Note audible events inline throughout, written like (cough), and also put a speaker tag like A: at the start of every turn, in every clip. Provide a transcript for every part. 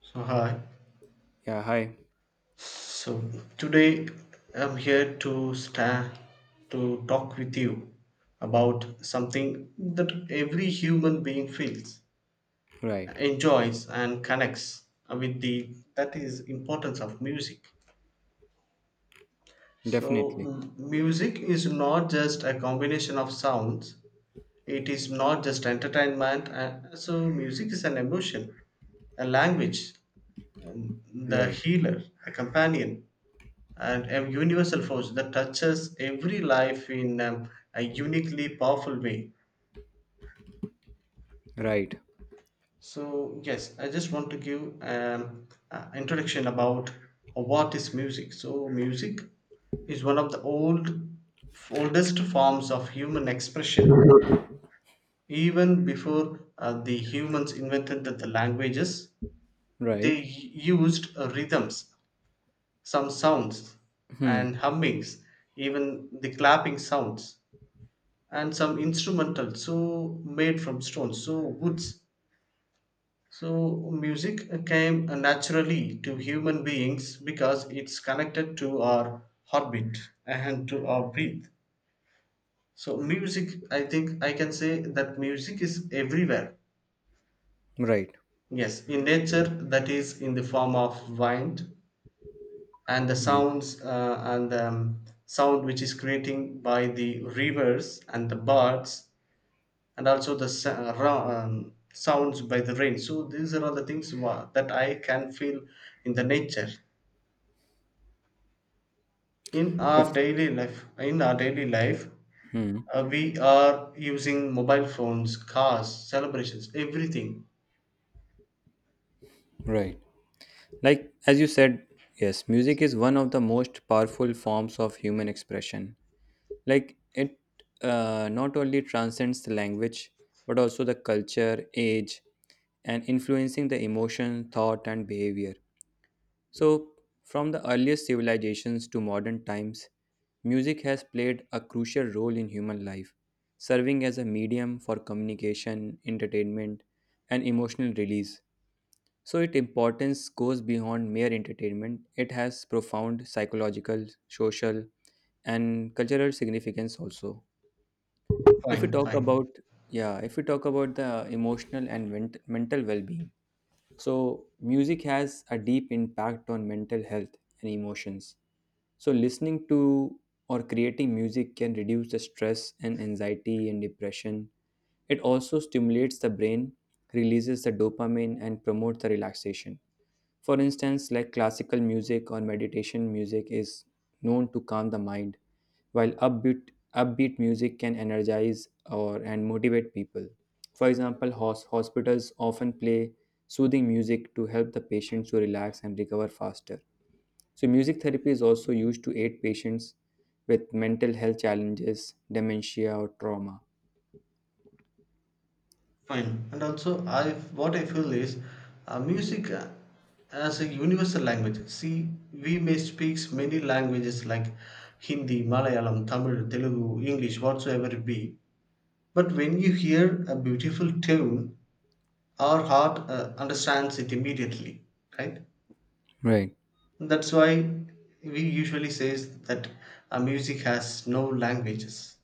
A: So hi.
B: Yeah, hi.
A: So today I'm here to stand to talk with you about something that every human being feels,
B: Right.
A: enjoys and connects with the that is importance of music. So
B: Definitely.
A: music is not just a combination of sounds. It is not just entertainment. So music is an emotion, a language, the
B: Right.
A: healer, a companion and a universal force that touches every life in a uniquely powerful way.
B: Right.
A: So yes, I just want to give introduction about what is music. So music is one of the oldest forms of human expression. Even before the humans invented the languages,
B: Right.
A: they used rhythms, some sounds,
B: Hmm.
A: and hummings, even the clapping sounds and some instrumental so made from stones so woods so music came naturally to human beings because it's connected to our heartbeat and to our breath so music I think I can say that music is everywhere,
B: Right.
A: yes, in nature, that is in the form of wind and the
B: Hmm.
A: sounds and the sound which is creating by the rivers and the birds, and also the sounds by the rain. So these are all the things that I can feel in the nature. In our
B: If,
A: daily life,
B: Hmm.
A: we are using mobile phones, cars, celebrations, everything.
B: Right. Like, as you said, yes, music is one of the most powerful forms of human expression. Like, it not only transcends the language, but also the culture, age, and influencing the emotion, thought, and behavior. So, from the earliest civilizations to modern times, music has played a crucial role in human life, serving as a medium for communication, entertainment, and emotional release. So, its importance goes beyond mere entertainment, it has profound psychological, social, and cultural significance also. If we
A: Fine,
B: talk
A: fine,
B: about Yeah, if we talk about the emotional and mental well-being, so music has a deep impact on mental health and emotions. So, listening to or creating music can reduce the stress and anxiety and depression. It also stimulates the brain, releases the dopamine, and promotes the relaxation. For instance, like classical music or meditation music is known to calm the mind while upbeat music can energize or and motivate people. For example, hospitals often play soothing music to help the patients to relax and recover faster. So, music therapy is also used to aid patients with mental health challenges, dementia, or trauma.
A: fine. And also, I what I feel is, music as a universal language. See, we may speak many languages like Hindi, Malayalam, Tamil, Telugu, English, whatsoever it be. But when you hear a beautiful tune, our heart understands it immediately, right?
B: Right.
A: That's why we usually say that music has no languages.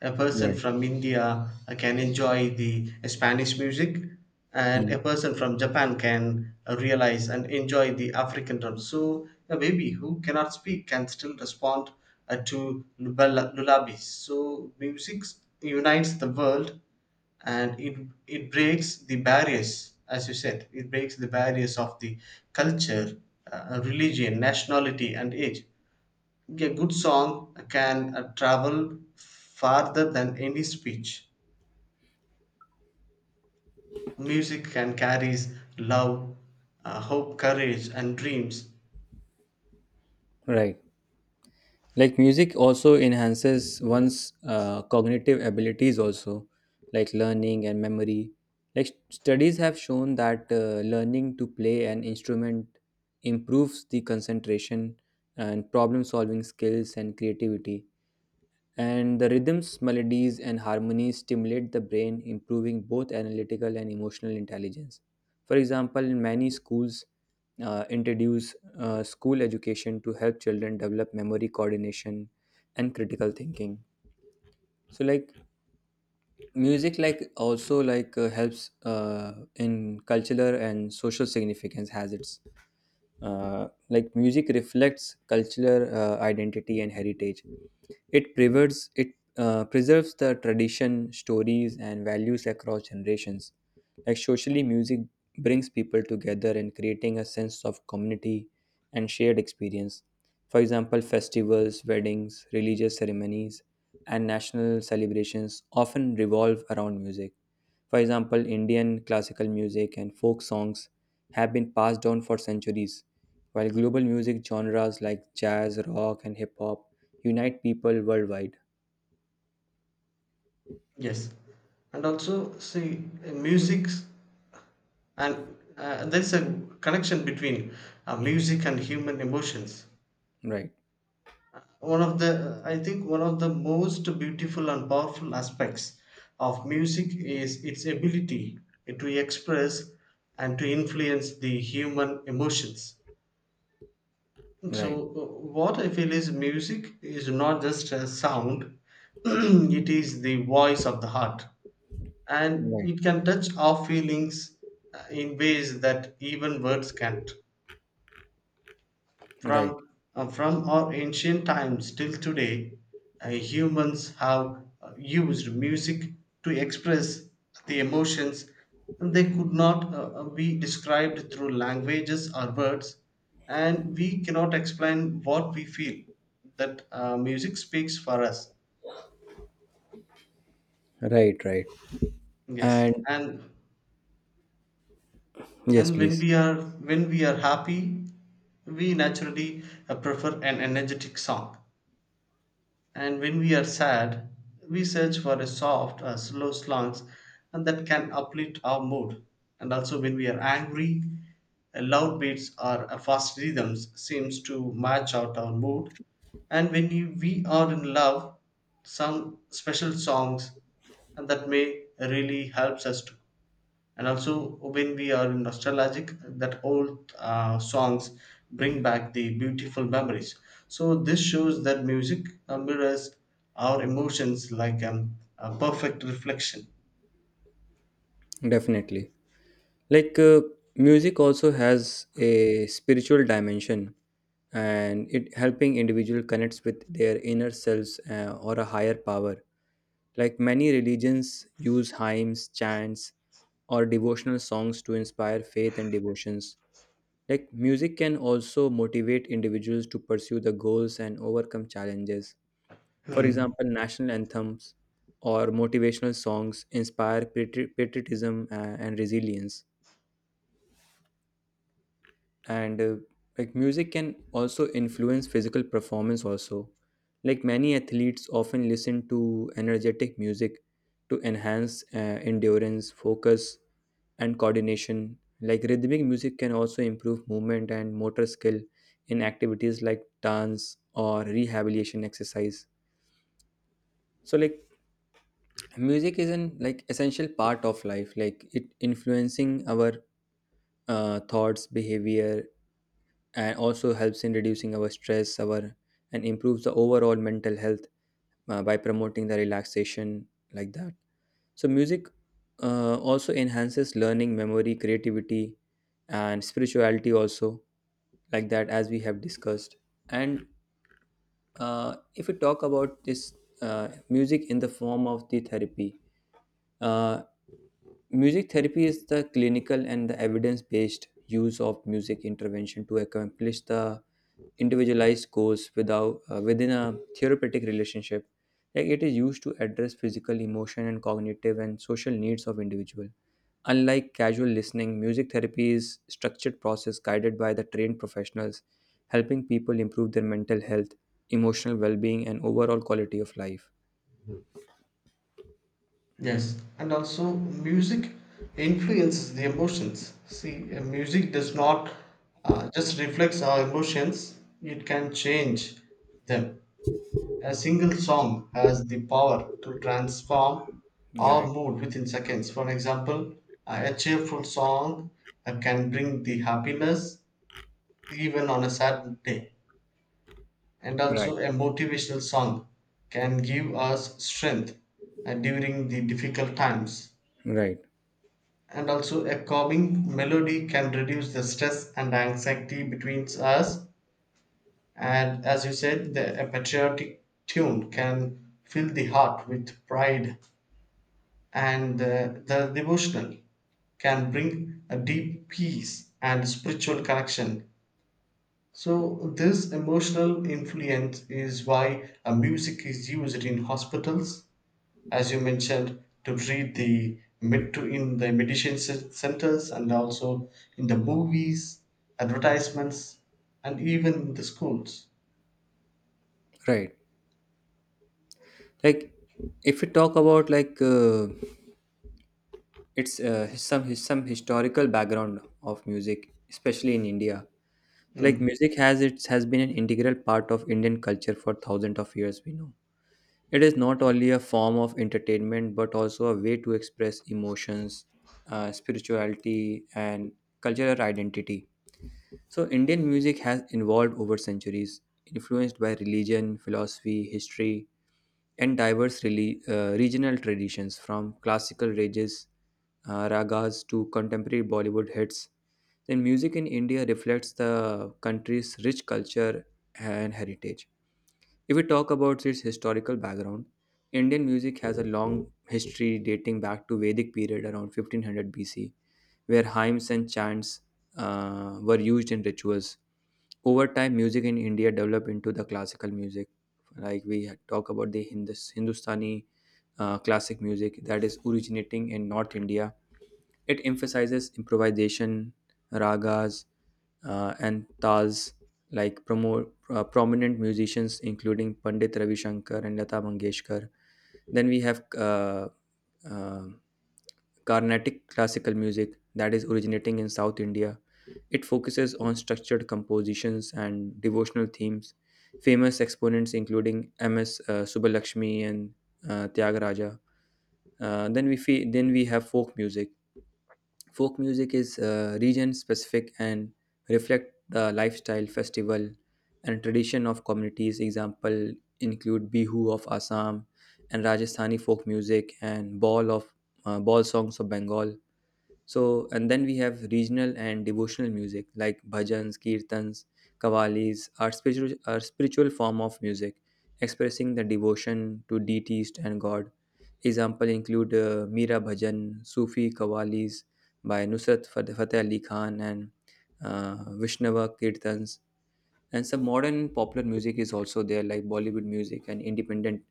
A: A person
B: Right.
A: from India can enjoy the Spanish music, and
B: Hmm.
A: a person from Japan can realize and enjoy the African drum. So a baby who cannot speak can still respond to lullabies. So music unites the world, and it breaks the barriers, as you said, it breaks the barriers of the culture, religion, nationality, and age. A good song can travel farther than any speech. Music can carries love, hope, courage, and dreams.
B: Right. Like music also enhances one's cognitive abilities also, like learning and memory. Like studies have shown that learning to play an instrument improves the concentration and problem solving skills and creativity, and the rhythms, melodies, and harmonies stimulate the brain, improving both analytical and emotional intelligence. For example, many schools introduce school education to help children develop memory coordination and critical thinking. So, like music, like also like helps in cultural and social significance has its. Like music reflects cultural identity and heritage. It preserves the tradition, stories, and values across generations. Like socially, music brings people together and creating a sense of community and shared experience. For example, festivals, weddings, religious ceremonies, and national celebrations often revolve around music. For example, Indian classical music and folk songs have been passed down for centuries, while global music genres like jazz, rock, and hip hop unite people worldwide.
A: Yes, and also see music and there's a connection between music and human emotions.
B: Right,
A: One of the I think one of the most beautiful and powerful aspects of music is its ability to express and to influence the human emotions. So,
B: right,
A: what I feel is music is not just a sound, (clears throat) it is the voice of the heart. And
B: right,
A: it can touch our feelings in ways that even words can't.
B: right,
A: From, from our ancient times till today, humans have used music to express the emotions they could not be described through languages or words, and we cannot explain what we feel. That music speaks for us.
B: right, right.
A: Yes,
B: And
A: and
B: yes, please,
A: when we are happy, we naturally prefer an energetic song. And when we are sad, we search for a soft, slow songs and that can uplift our mood. And also when we are angry, loud beats or a fast rhythms seems to match out our mood. And when we are in love, some special songs and that may really helps us to, and also when we are nostalgic, that old songs bring back the beautiful memories. So this shows that music mirrors our emotions like a perfect reflection.
B: definitely. Like, music also has a spiritual dimension and it helping individual connects with their inner selves or a higher power. Like many religions use hymns, chants, or devotional songs to inspire faith and devotions. Like music can also motivate individuals to pursue the goals and overcome challenges. For
A: Hmm.
B: example, national anthems or motivational songs inspire patriotism and resilience. And like music can also influence physical performance also, like many athletes often listen to energetic music to enhance endurance focus and coordination. Like rhythmic music can also improve movement and motor skill in activities like dance or rehabilitation exercise. So like music is an like essential part of life, like it influencing our thoughts behavior, and also helps in reducing our stress our and improves the overall mental health by promoting the relaxation, like that. So music also enhances learning memory creativity and spirituality also, like that, as we have discussed. And if we talk about this, music in the form of the therapy, uh, music therapy is the clinical and the evidence based use of music intervention to accomplish the individualized goals without, within a therapeutic relationship. Like it is used to address physical, emotion, and cognitive and social needs of individual. Unlike casual listening, music therapy is structured process guided by the trained professionals, helping people improve their mental health, emotional well-being, and overall quality of life.
A: Yes, and also music influences the emotions. See, music does not just reflects our emotions; it can change them. A single song has the power to transform
B: You're
A: our
B: right.
A: mood within seconds. For example, a cheerful song can bring the happiness even on a sad day. And
B: Right.
A: also, a motivational song can give us strength during the difficult times.
B: Right.
A: And also, a calming melody can reduce the stress and anxiety between us. And as you said, a patriotic tune can fill the heart with pride and the devotional can bring a deep peace and spiritual connection. So, this emotional influence is why a music is used in hospitals, as you mentioned, to treat the to in the meditation centers and also in the movies, advertisements, and even in the schools.
B: Right. Like, if we talk about, like, it's some historical background of music, especially in India. Like
A: Mm.
B: music has been an integral part of Indian culture for thousands of years, we know. It is not only a form of entertainment but also a way to express emotions, spirituality, and cultural identity. So Indian music has evolved over centuries, influenced by religion philosophy history and diverse regional traditions, from classical ragas to contemporary Bollywood hits. Then music in India reflects the country's rich culture and heritage. If we talk about its historical background, Indian music has a long history dating back to Vedic period around 1500 BC, where hymns and chants were used in rituals. Over time music in India developed into the classical music, like we had talk about the Hindustani classic music that is originating in North India. It emphasizes improvisation, ragas, and tals, like prominent musicians including Pandit Ravi Shankar and Lata Mangeshkar. Then we have uh, Carnatic classical music that is originating in South India. It focuses on structured compositions and devotional themes. Famous exponents including M.S. Subbulakshmi and Tyagaraja. Then then we have folk music. Folk music is region specific and reflect the lifestyle, festival, and tradition of communities. Example include Bihu of Assam and Rajasthani folk music and ball songs of Bengal. So, and then we have regional and devotional music like bhajans, kirtans, kavalis are spiritual form of music expressing the devotion to deities and God. Example include Meera Bhajan, Sufi Kavalis by Nusrat Fateh Ali Khan and Vishnava Kirtans. And some modern popular music is also there, like Bollywood music and independent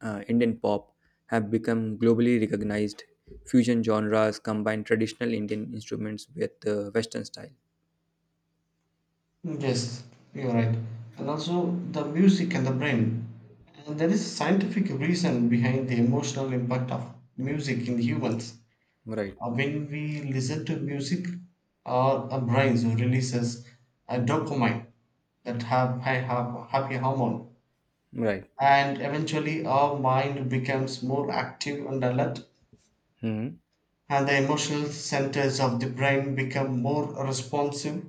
B: Indian pop have become globally recognized. Fusion genres combine traditional Indian instruments with Western style.
A: Yes, you're right. And also the music and the brain. And there is scientific reason behind the emotional impact of music in humans.
B: Right,
A: When we listen to music, our brains releases a dopamine that have happy hormone.
B: right,
A: And eventually our mind becomes more active and alert,
B: hmm,
A: and the emotional centers of the brain become more responsive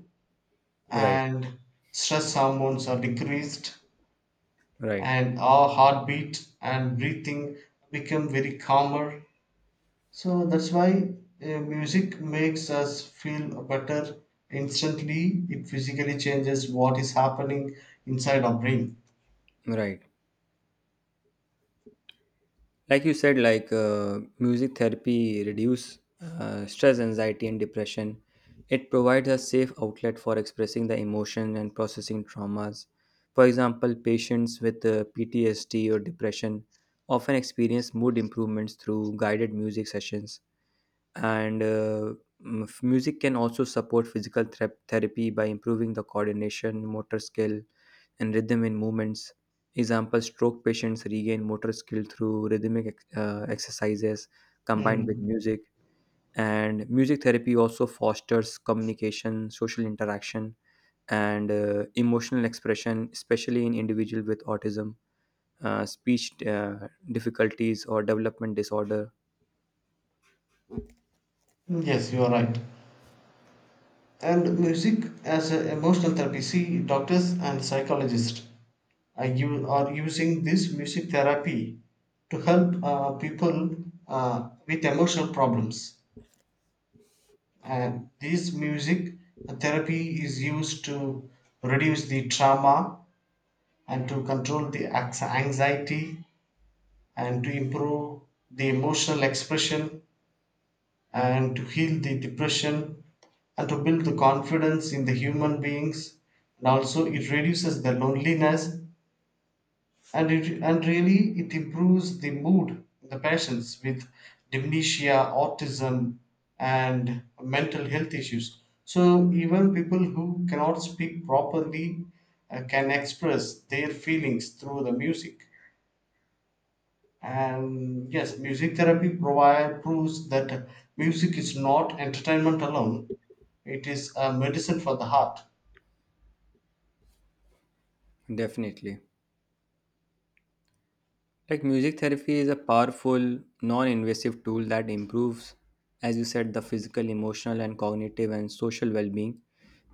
B: right,
A: and stress hormones are decreased
B: right,
A: and our heartbeat and breathing become very calmer. So that's why music makes us feel better instantly. It physically changes what is happening inside our brain.
B: right. Like you said, like music therapy reduce stress, anxiety, and depression. It provides a safe outlet for expressing the emotion and processing traumas. For example, patients with PTSD or depression often experience mood improvements through guided music sessions. And music can also support physical therapy by improving the coordination motor skill and rhythm in movements. Example stroke patients regain motor skill through rhythmic exercises combined with
A: Mm.
B: music. And music therapy also fosters communication social interaction and emotional expression, especially in individuals with autism, speech difficulties or development disorder.
A: Yes, you are right. And music as an emotional therapy. See, doctors and psychologists are, are using this music therapy to help people with emotional problems. And this music therapy is used to reduce the trauma and to control the anxiety and to improve the emotional expression and to heal the depression and to build the confidence in the human beings, and also it reduces the loneliness and it and really it improves the mood in the patients with dementia, autism and mental health issues. So even people who cannot speak properly can express their feelings through the music. And yes, music therapy provide proves that music is not entertainment alone, it is a medicine for the heart.
B: Definitely. Like music therapy is a powerful, non invasive tool that improves, as you said, the physical, emotional, and cognitive and social well being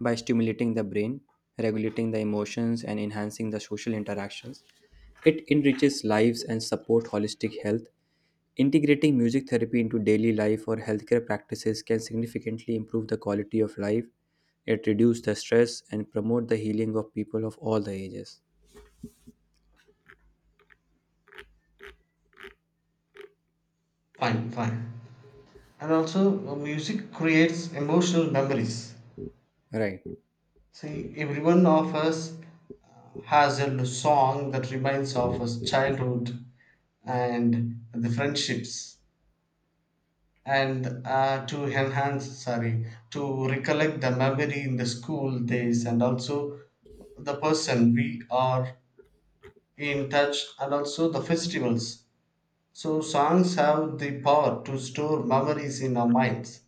B: by stimulating the brain, regulating the emotions, and enhancing the social interactions. It enriches lives and support holistic health. Integrating music therapy into daily life or healthcare practices can significantly improve the quality of life. It reduces the stress and promote the healing of people of all the ages.
A: Fine, fine, and also music creates emotional memories.
B: Right.
A: See, everyone of us has a song that reminds of us childhood and the friendships, and to enhance, sorry, to recollect the memory in the school days, and also the person we are in touch, and also the festivals. So, songs have the power to store memories in our minds,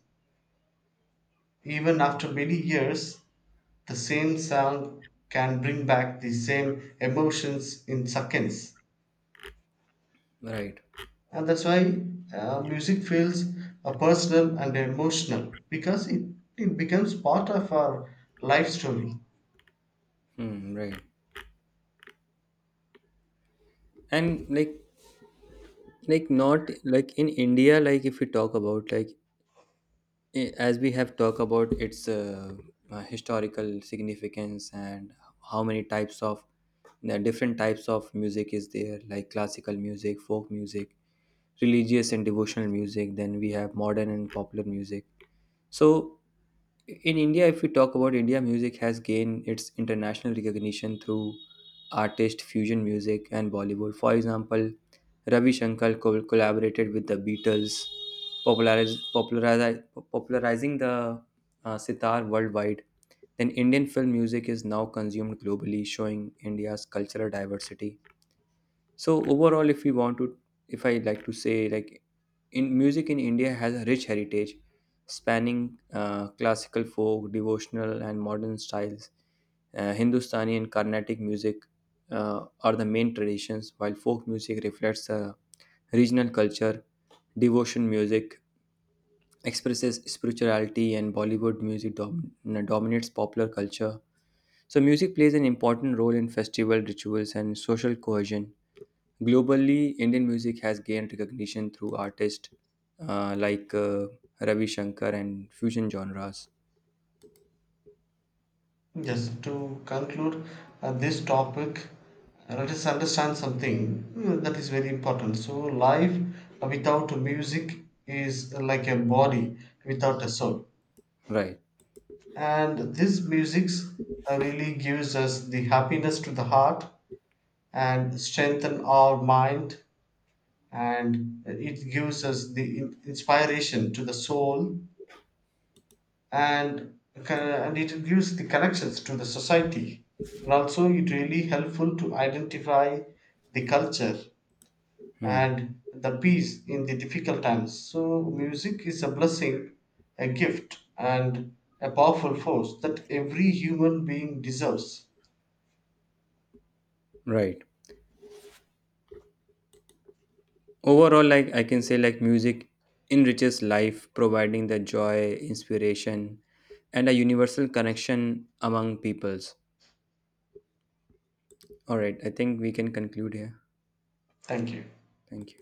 A: even after many years. The same sound can bring back the same emotions in seconds.
B: Right.
A: And that's why music feels personal and emotional because it becomes part of our life story.
B: Hmm, right. And like not like in India, like if we talk about, like, as we have talked about its historical significance and how many types of the different types of music is there, like classical music folk music religious and devotional music, then we have modern and popular music. So in India, if we talk about India, music has gained its international recognition through artist fusion music and Bollywood. For example, Ravi Shankar collaborated with the Beatles, populariz- populariz- popularizing the sitar worldwide. Then, Indian film music is now consumed globally, showing India's cultural diversity. So overall, if we want to, if I like to say, like in music in India has a rich heritage, spanning classical, folk, devotional, and modern styles. Hindustani and Carnatic music are the main traditions, while folk music reflects the regional culture. Devotion music expresses spirituality, and Bollywood music dominates popular culture. So music plays an important role in festival rituals and social cohesion. Globally, Indian music has gained recognition through artists like Ravi Shankar and fusion genres.
A: Just to conclude this topic, let us understand something that is very important. So, life without music is like a body without a soul.
B: Right.
A: And this musics really gives us the happiness to the heart and strengthen our mind, and it gives us the inspiration to the soul, and it gives the connections to the society, and also it really helpful to identify the culture
B: Hmm.
A: and the peace in the difficult times. So, music is a blessing, a gift, and a powerful force that every human being deserves.
B: Right. Overall, like I can say, like music enriches life, providing the joy, inspiration, and a universal connection among peoples. All right. I think we can conclude here.
A: Thank you.
B: Thank you.